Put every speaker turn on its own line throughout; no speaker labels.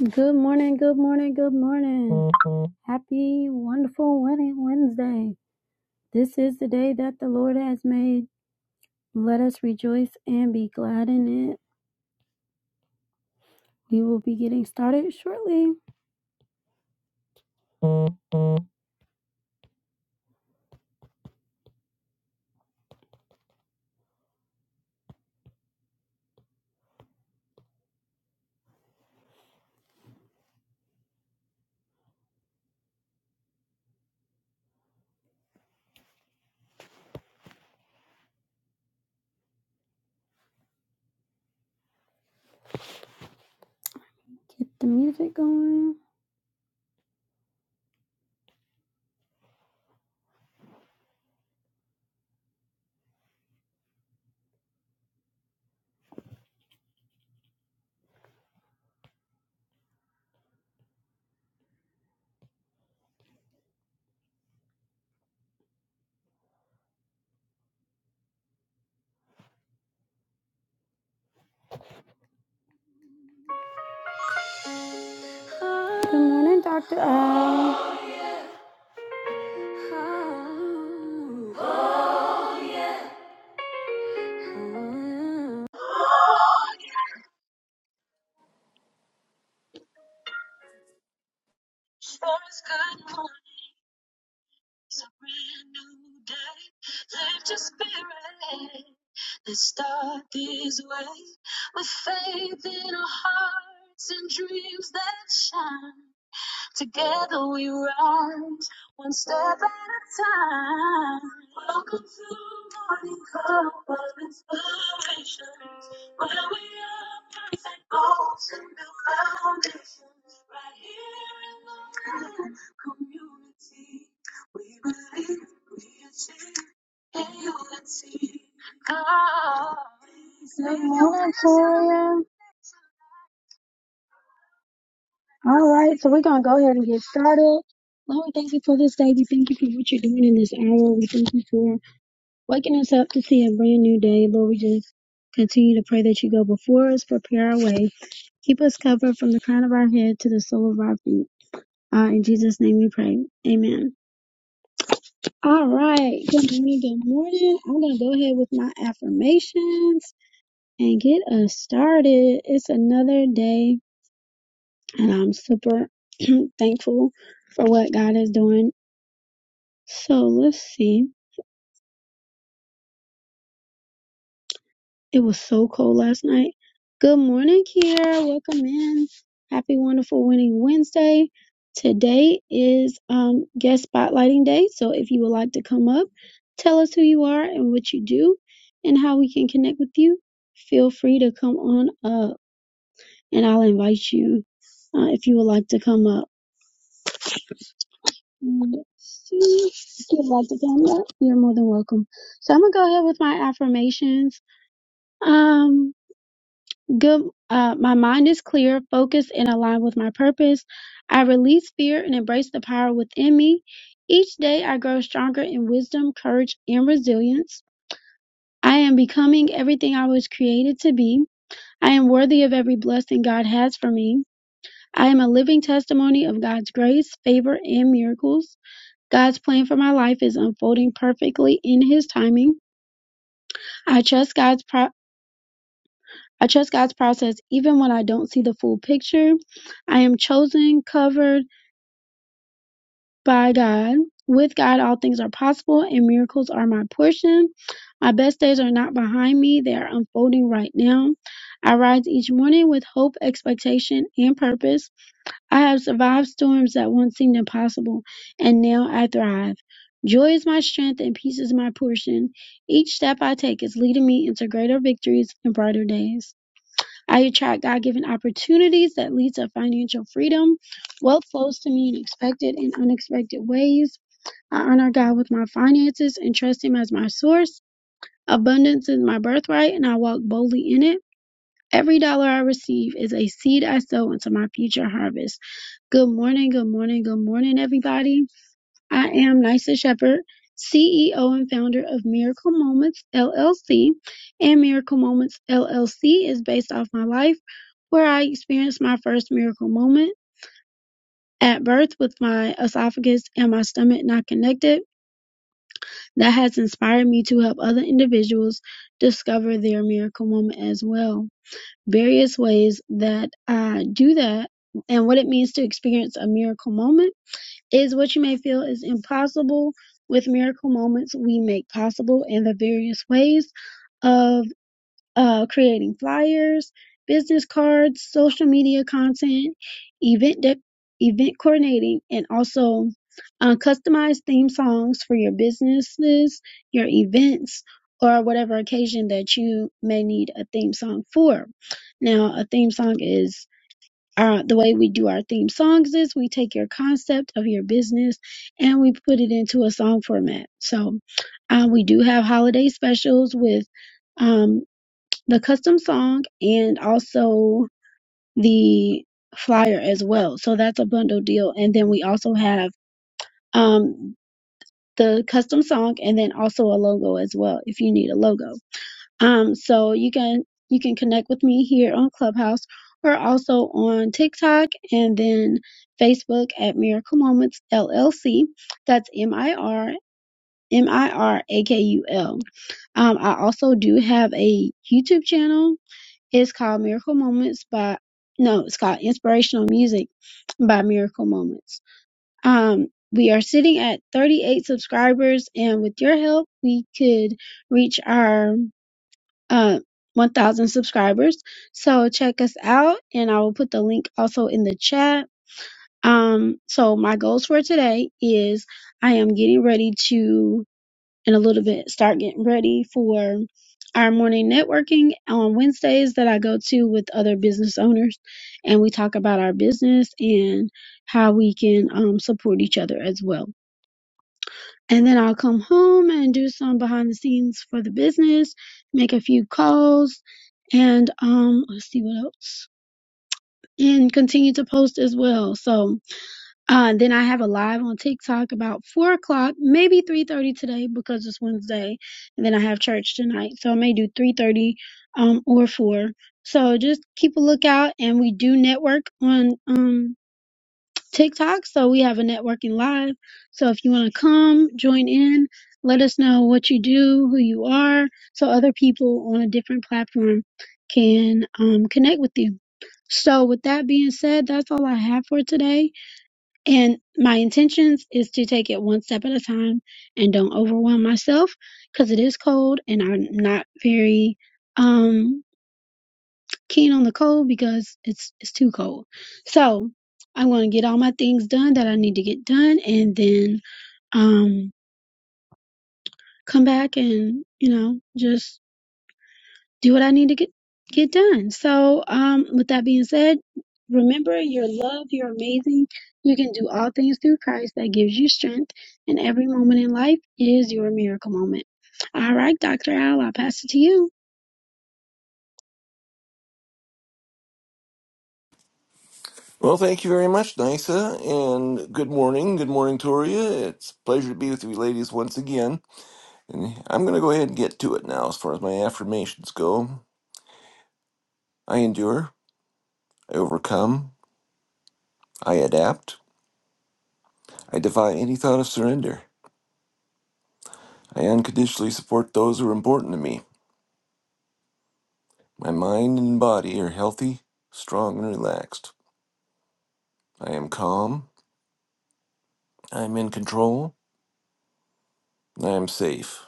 Good morning, good morning, good morning. Happy, wonderful winning Wednesday. This is the day that the Lord has made. Let us rejoice and be glad in it. We will be getting started shortly. Get the music going. Good morning, Dr. Al. Good morning, Toya. All right, so we're going to go ahead and get started. Lord, we thank you for this day. We thank you for what you're doing in this hour. We thank you for waking us up to see a brand new day. Lord, we just continue to pray that you go before us, prepare our way, keep us covered from the crown of our head to the sole of our feet. Uh, in Jesus' name we pray. Amen. All right, good morning, good morning. I'm going to go ahead with my affirmations and get us started. It's another day, and I'm super thankful for what God is doing So let's see. It was so cold last night. Good morning, Kiara. Welcome in. Happy wonderful winning Wednesday. Today is um guest spotlighting day. So if you would like to come up, tell us who you are and what you do and how we can connect with you. Feel free to come on up and I'll invite you uh, if you would like to come up. Let's see. If you would like to come up, you're more than welcome. So I'm gonna go ahead with my affirmations. Um good uh, my mind is clear focused and aligned with my purpose i release fear and embrace the power within me each day i grow stronger in wisdom courage and resilience i am becoming everything i was created to be i am worthy of every blessing god has for me i am a living testimony of god's grace favor and miracles god's plan for my life is unfolding perfectly in his timing i trust god's pro- I trust God's process even when I don't see the full picture. I am chosen, covered by God. With God, all things are possible and miracles are my portion. My best days are not behind me, they are unfolding right now. I rise each morning with hope, expectation, and purpose. I have survived storms that once seemed impossible, and now I thrive. Joy is my strength and peace is my portion. Each step I take is leading me into greater victories and brighter days. I attract God given opportunities that lead to financial freedom. Wealth flows to me in expected and unexpected ways. I honor God with my finances and trust Him as my source. Abundance is my birthright, and I walk boldly in it. Every dollar I receive is a seed I sow into my future harvest. Good morning, good morning, good morning, everybody. I am Nysa Shepherd, CEO and founder of Miracle Moments LLC. And Miracle Moments LLC is based off my life, where I experienced my first miracle moment at birth with my esophagus and my stomach not connected. That has inspired me to help other individuals discover their miracle moment as well. Various ways that I do that and what it means to experience a miracle moment is what you may feel is impossible with miracle moments we make possible in the various ways of uh, creating flyers, business cards, social media content, event de- event coordinating, and also uh, customized theme songs for your businesses, your events, or whatever occasion that you may need a theme song for. Now, a theme song is our the way we do our theme songs is we take your concept of your business and we put it into a song format. So uh, we do have holiday specials with um, the custom song and also the flyer as well. So that's a bundle deal. And then we also have um, the custom song and then also a logo as well if you need a logo. Um, so you can you can connect with me here on Clubhouse or also on TikTok and then Facebook at Miracle Moments LLC. That's M I R M I R A K U L. Um, I also do have a YouTube channel. It's called Miracle Moments by no, it's called Inspirational Music by Miracle Moments. Um, we are sitting at 38 subscribers, and with your help, we could reach our uh, 1000 subscribers. So check us out and I will put the link also in the chat. Um, so my goals for today is I am getting ready to, in a little bit, start getting ready for our morning networking on Wednesdays that I go to with other business owners. And we talk about our business and how we can um, support each other as well. And then I'll come home and do some behind the scenes for the business, make a few calls, and um, let's see what else. And continue to post as well. So uh, then I have a live on TikTok about four o'clock, maybe three thirty today because it's Wednesday, and then I have church tonight, so I may do three thirty um, or four. So just keep a lookout, and we do network on um TikTok. So we have a networking live. So if you want to come, join in, let us know what you do, who you are, so other people on a different platform can um, connect with you. So with that being said, that's all I have for today. And my intentions is to take it one step at a time and don't overwhelm myself because it is cold and I'm not very, um keen on the cold because it's it's too cold. So I'm gonna get all my things done that I need to get done and then um come back and, you know, just do what I need to get get done. So um with that being said, remember you're loved, you're amazing, you can do all things through Christ that gives you strength and every moment in life is your miracle moment. All right, Dr. Al, I'll pass it to you.
Well, thank you very much, Nisa, and good morning. Good morning, Toria. It's a pleasure to be with you ladies once again. And I'm going to go ahead and get to it now as far as my affirmations go. I endure, I overcome, I adapt, I defy any thought of surrender. I unconditionally support those who are important to me. My mind and body are healthy, strong, and relaxed. I am calm, I am in control, and I am safe.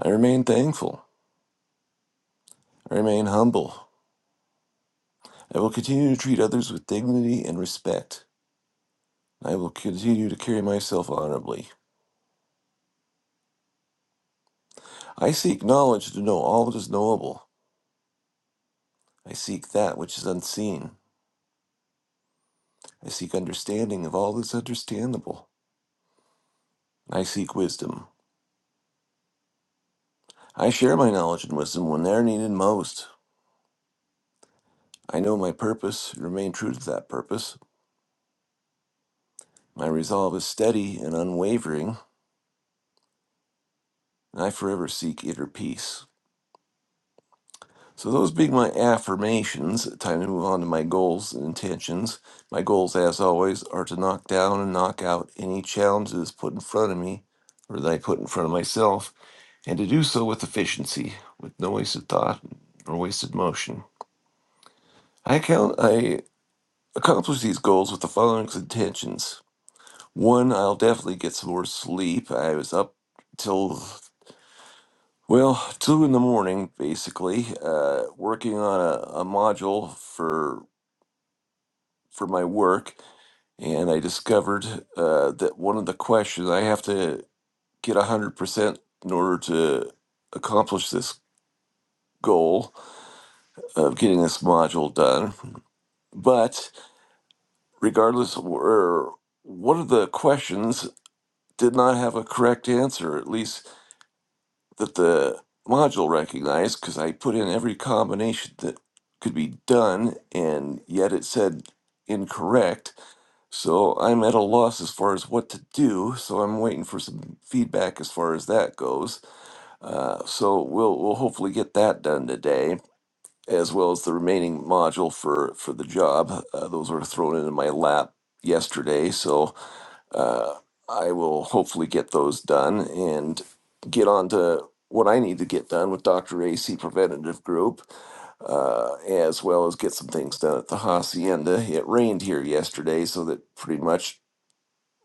I remain thankful, I remain humble. I will continue to treat others with dignity and respect. I will continue to carry myself honorably. I seek knowledge to know all that is knowable. I seek that which is unseen. I seek understanding of all that is understandable. I seek wisdom. I share my knowledge and wisdom when they are needed most. I know my purpose and remain true to that purpose. My resolve is steady and unwavering, and I forever seek inner peace. So those being my affirmations, time to move on to my goals and intentions. My goals, as always, are to knock down and knock out any challenges put in front of me or that I put in front of myself, and to do so with efficiency, with no wasted thought or wasted motion. I count I accomplish these goals with the following intentions. One, I'll definitely get some more sleep. I was up till well, two in the morning, basically, uh, working on a, a module for for my work, and I discovered uh, that one of the questions I have to get 100% in order to accomplish this goal of getting this module done. But regardless, of where one of the questions did not have a correct answer, at least that the module recognized, because I put in every combination that could be done, and yet it said incorrect. So I'm at a loss as far as what to do. So I'm waiting for some feedback as far as that goes. Uh, so we'll we'll hopefully get that done today, as well as the remaining module for for the job. Uh, those were thrown into my lap yesterday, so uh, I will hopefully get those done and get on to what I need to get done with Dr. AC Preventative Group uh, as well as get some things done at the hacienda. It rained here yesterday, so that pretty much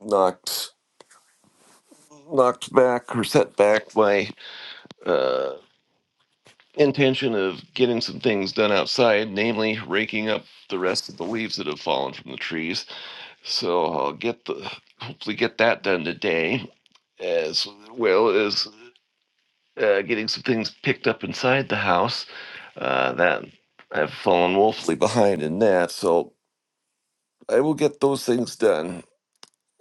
knocked knocked back or set back my uh, intention of getting some things done outside, namely raking up the rest of the leaves that have fallen from the trees. So I'll get the hopefully get that done today, as well as uh, getting some things picked up inside the house. Uh, that I've fallen woefully behind in that, so I will get those things done.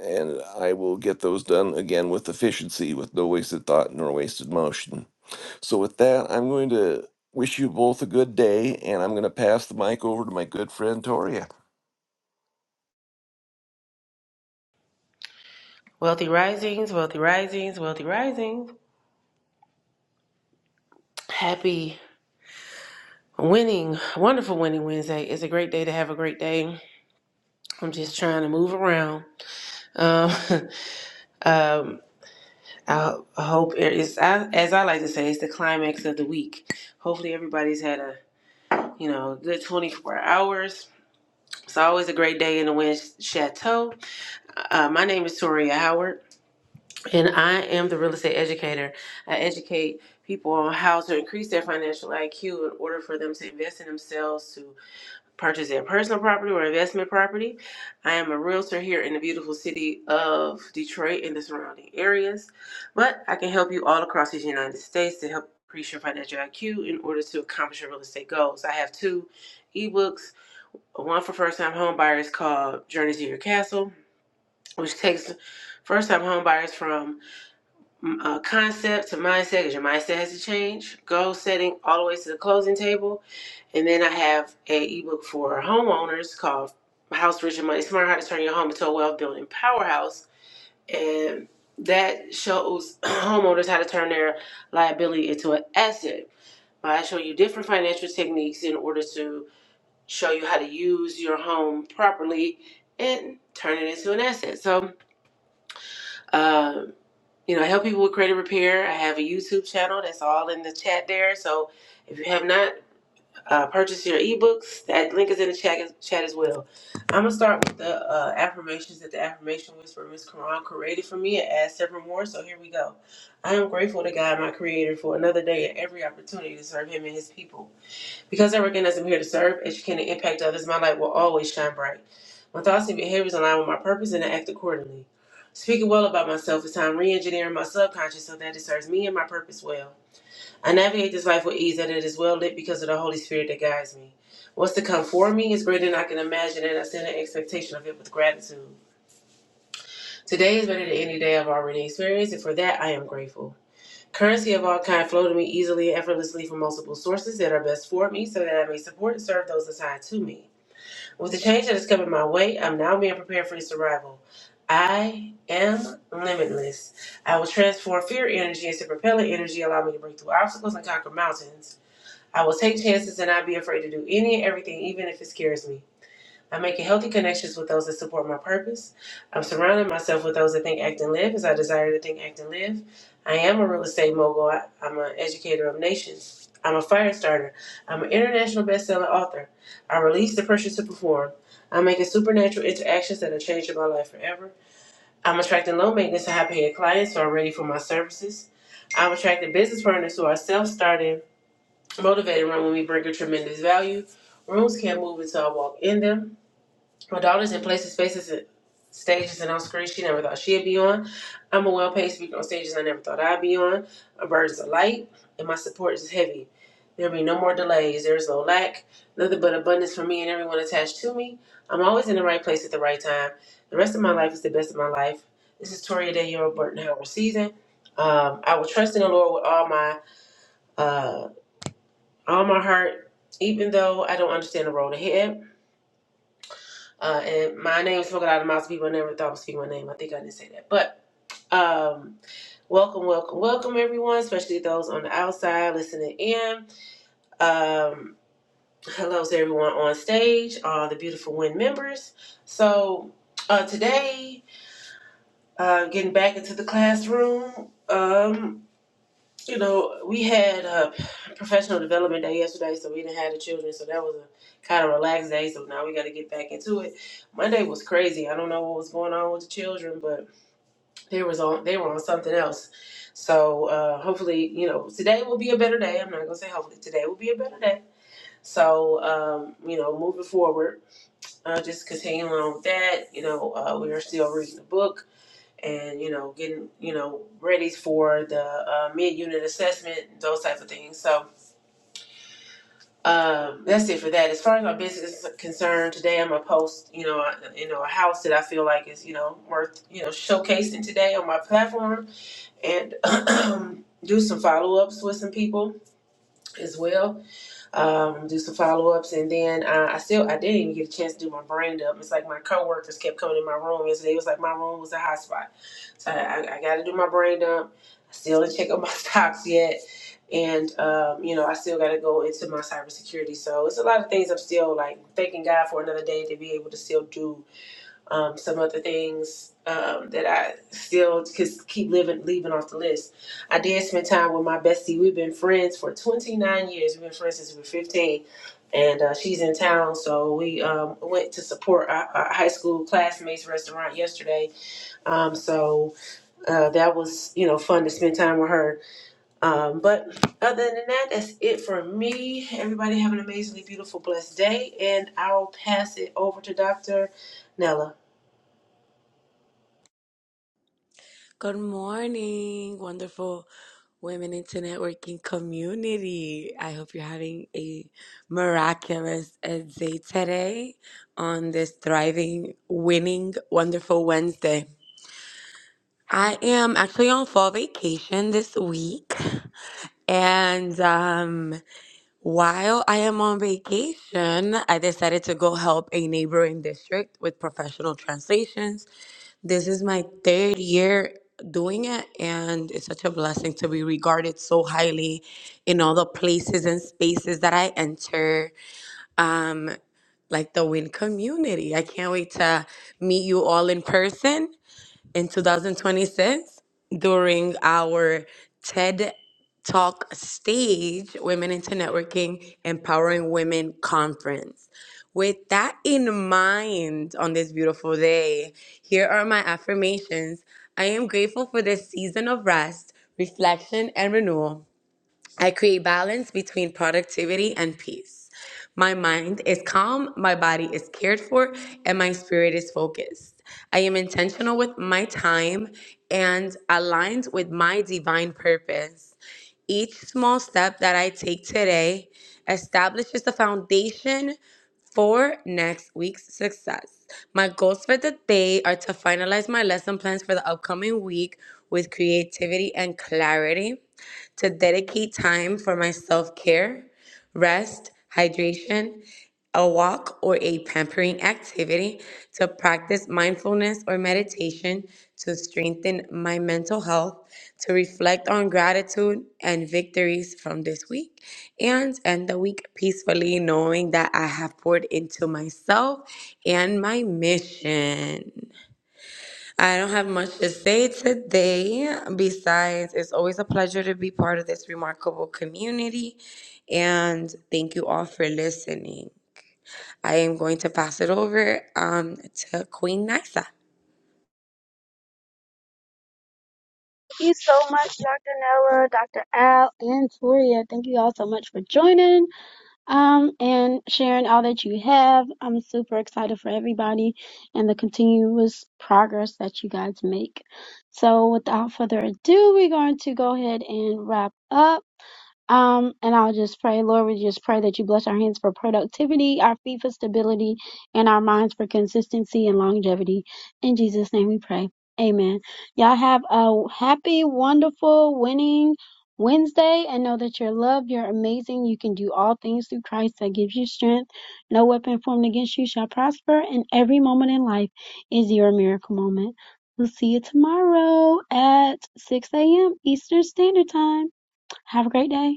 And I will get those done again with efficiency, with no wasted thought nor wasted motion. So, with that, I'm going to wish you both a good day, and I'm going to pass the mic over to my good friend Toria.
Wealthy Risings, Wealthy Risings, Wealthy Risings. Happy winning, wonderful winning Wednesday. It's a great day to have a great day. I'm just trying to move around. Um, um, I, I hope it is, I, as I like to say, it's the climax of the week. Hopefully, everybody's had a you know good 24 hours. It's always a great day in the Wind Chateau. Uh, my name is Toria Howard. And I am the real estate educator. I educate people on how to increase their financial IQ in order for them to invest in themselves to purchase their personal property or investment property. I am a realtor here in the beautiful city of Detroit and the surrounding areas, but I can help you all across the United States to help increase your financial IQ in order to accomplish your real estate goals. I have two ebooks, one for first time home buyers called Journey to Your Castle, which takes first time home buyers from m- uh, concept to mindset because your mindset has to change. Goal setting all the way to the closing table, and then I have a ebook for homeowners called "House Rich and Money Smart: How to Turn Your Home into a Wealth Building Powerhouse," and that shows homeowners how to turn their liability into an asset. I show you different financial techniques in order to show you how to use your home properly and turn it into an asset. So. um you know, I help people with credit repair. I have a YouTube channel that's all in the chat there. So if you have not uh, purchased your ebooks, that link is in the chat, chat as well. I'm going to start with the uh, affirmations that the affirmation whisperer, Miss Quran, created for me and add several more. So here we go. I am grateful to God, my creator, for another day and every opportunity to serve him and his people. Because I recognize I'm here to serve, educate, and impact others, my light will always shine bright. My thoughts and behaviors align with my purpose and I act accordingly. Speaking well about myself is how I'm re engineering my subconscious so that it serves me and my purpose well. I navigate this life with ease and it is well lit because of the Holy Spirit that guides me. What's to come for me is greater than I can imagine, and I send an expectation of it with gratitude. Today is better than any day I've already experienced, and for that I am grateful. Currency of all kind flow to me easily and effortlessly from multiple sources that are best for me, so that I may support and serve those assigned to me. With the change that is coming my way, I'm now being prepared for its arrival. I am limitless. I will transform fear energy into propellant energy, allow me to break through obstacles and conquer mountains. I will take chances and not be afraid to do any and everything, even if it scares me. I'm making healthy connections with those that support my purpose. I'm surrounding myself with those that think, act, and live as I desire to think, act, and live. I am a real estate mogul. I, I'm an educator of nations. I'm a fire starter. I'm an international best-selling author. I release the pressure to perform. I'm making supernatural interactions that are changing my life forever. I'm attracting low maintenance and high paying clients who are ready for my services. I'm attracting business partners who are self starting, motivated, run when we bring a tremendous value. Rooms can't move until I walk in them. My daughter's in places, spaces, and stages, and on screens she never thought she'd be on. I'm a well paid speaker on stages I never thought I'd be on. My burdens are light, and my support is heavy. There'll be no more delays. There is no lack, nothing but abundance for me and everyone attached to me. I'm always in the right place at the right time. The rest of my life is the best of my life. This is Toria Daniel Burton Howard season. Um, I will trust in the Lord with all my uh, all my heart, even though I don't understand the road ahead. Uh, and my name is spoken out of the mouths of people I never thought would speak my name. I think I didn't say that. But um, welcome, welcome, welcome, everyone, especially those on the outside listening in. Um, hello to everyone on stage, all the beautiful WIN members. So uh, today, uh, getting back into the classroom. Um, You know, we had a professional development day yesterday, so we didn't have the children, so that was a kind of relaxed day. So now we got to get back into it. Monday was crazy. I don't know what was going on with the children, but they was on they were on something else. So uh, hopefully, you know, today will be a better day. I'm not gonna say hopefully today will be a better day. So um, you know, moving forward, uh, just continuing on with that. You know, uh, we are still reading the book and you know getting you know ready for the uh, mid-unit assessment those types of things so um, that's it for that as far as my business is concerned today i'm gonna post you know a, you know a house that i feel like is you know worth you know showcasing today on my platform and do some follow-ups with some people as well um, do some follow-ups and then uh, i still i didn't even get a chance to do my brand up it's like my coworkers kept coming in my room yesterday it was like my room was a hotspot So I, I, got to do my brain dump. I still didn't check on my stocks yet, and um, you know I still got to go into my cybersecurity. So it's a lot of things I'm still like thanking God for another day to be able to still do um, some other things um, that I still cause keep living leaving off the list. I did spend time with my bestie. We've been friends for 29 years. We've been friends since we were 15. And uh, she's in town, so we um, went to support our, our high school classmates restaurant yesterday. Um, so uh, that was you know fun to spend time with her. Um, but other than that, that's it for me. Everybody have an amazingly beautiful, blessed day, and I'll pass it over to Dr. Nella.
Good morning, wonderful women into networking community. I hope you're having a miraculous uh, day today on this thriving, winning, wonderful Wednesday. I am actually on fall vacation this week. And um, while I am on vacation, I decided to go help a neighboring district with professional translations this is my third year doing it, and it's such a blessing to be regarded so highly in all the places and spaces that I enter, like the WIN community. I can't wait to meet you all in person in 2026 during our TED Talk stage, Women into Networking Empowering Women Conference. With that in mind, on this beautiful day, here are my affirmations. I am grateful for this season of rest, reflection, and renewal. I create balance between productivity and peace. My mind is calm, my body is cared for, and my spirit is focused. I am intentional with my time and aligned with my divine purpose. Each small step that I take today establishes the foundation for next week's success. My goals for the day are to finalize my lesson plans for the upcoming week with creativity and clarity to dedicate time for my self care, rest, hydration, a walk, or a pampering activity, to practice mindfulness or meditation to strengthen my mental health, to reflect on gratitude and victories from this week, and end the week peacefully, knowing that I have poured into myself and my mission. I don't have much to say today. Besides, it's always a pleasure to be part of this remarkable community. And thank you all for listening. I am going to pass it over um, to Queen Nisa.
you so much, Dr. Nella, Dr. Al, and Toria. Thank you all so much for joining um, and sharing all that you have. I'm super excited for everybody and the continuous progress that you guys make. So, without further ado, we're going to go ahead and wrap up. Um, and I'll just pray, Lord, we just pray that you bless our hands for productivity, our feet for stability, and our minds for consistency and longevity. In Jesus' name we pray. Amen. Y'all have a happy, wonderful, winning Wednesday and know that you're loved, you're amazing, you can do all things through Christ that gives you strength. No weapon formed against you shall prosper, and every moment in life is your miracle moment. We'll see you tomorrow at 6 a.m. Eastern Standard Time. Have a great day.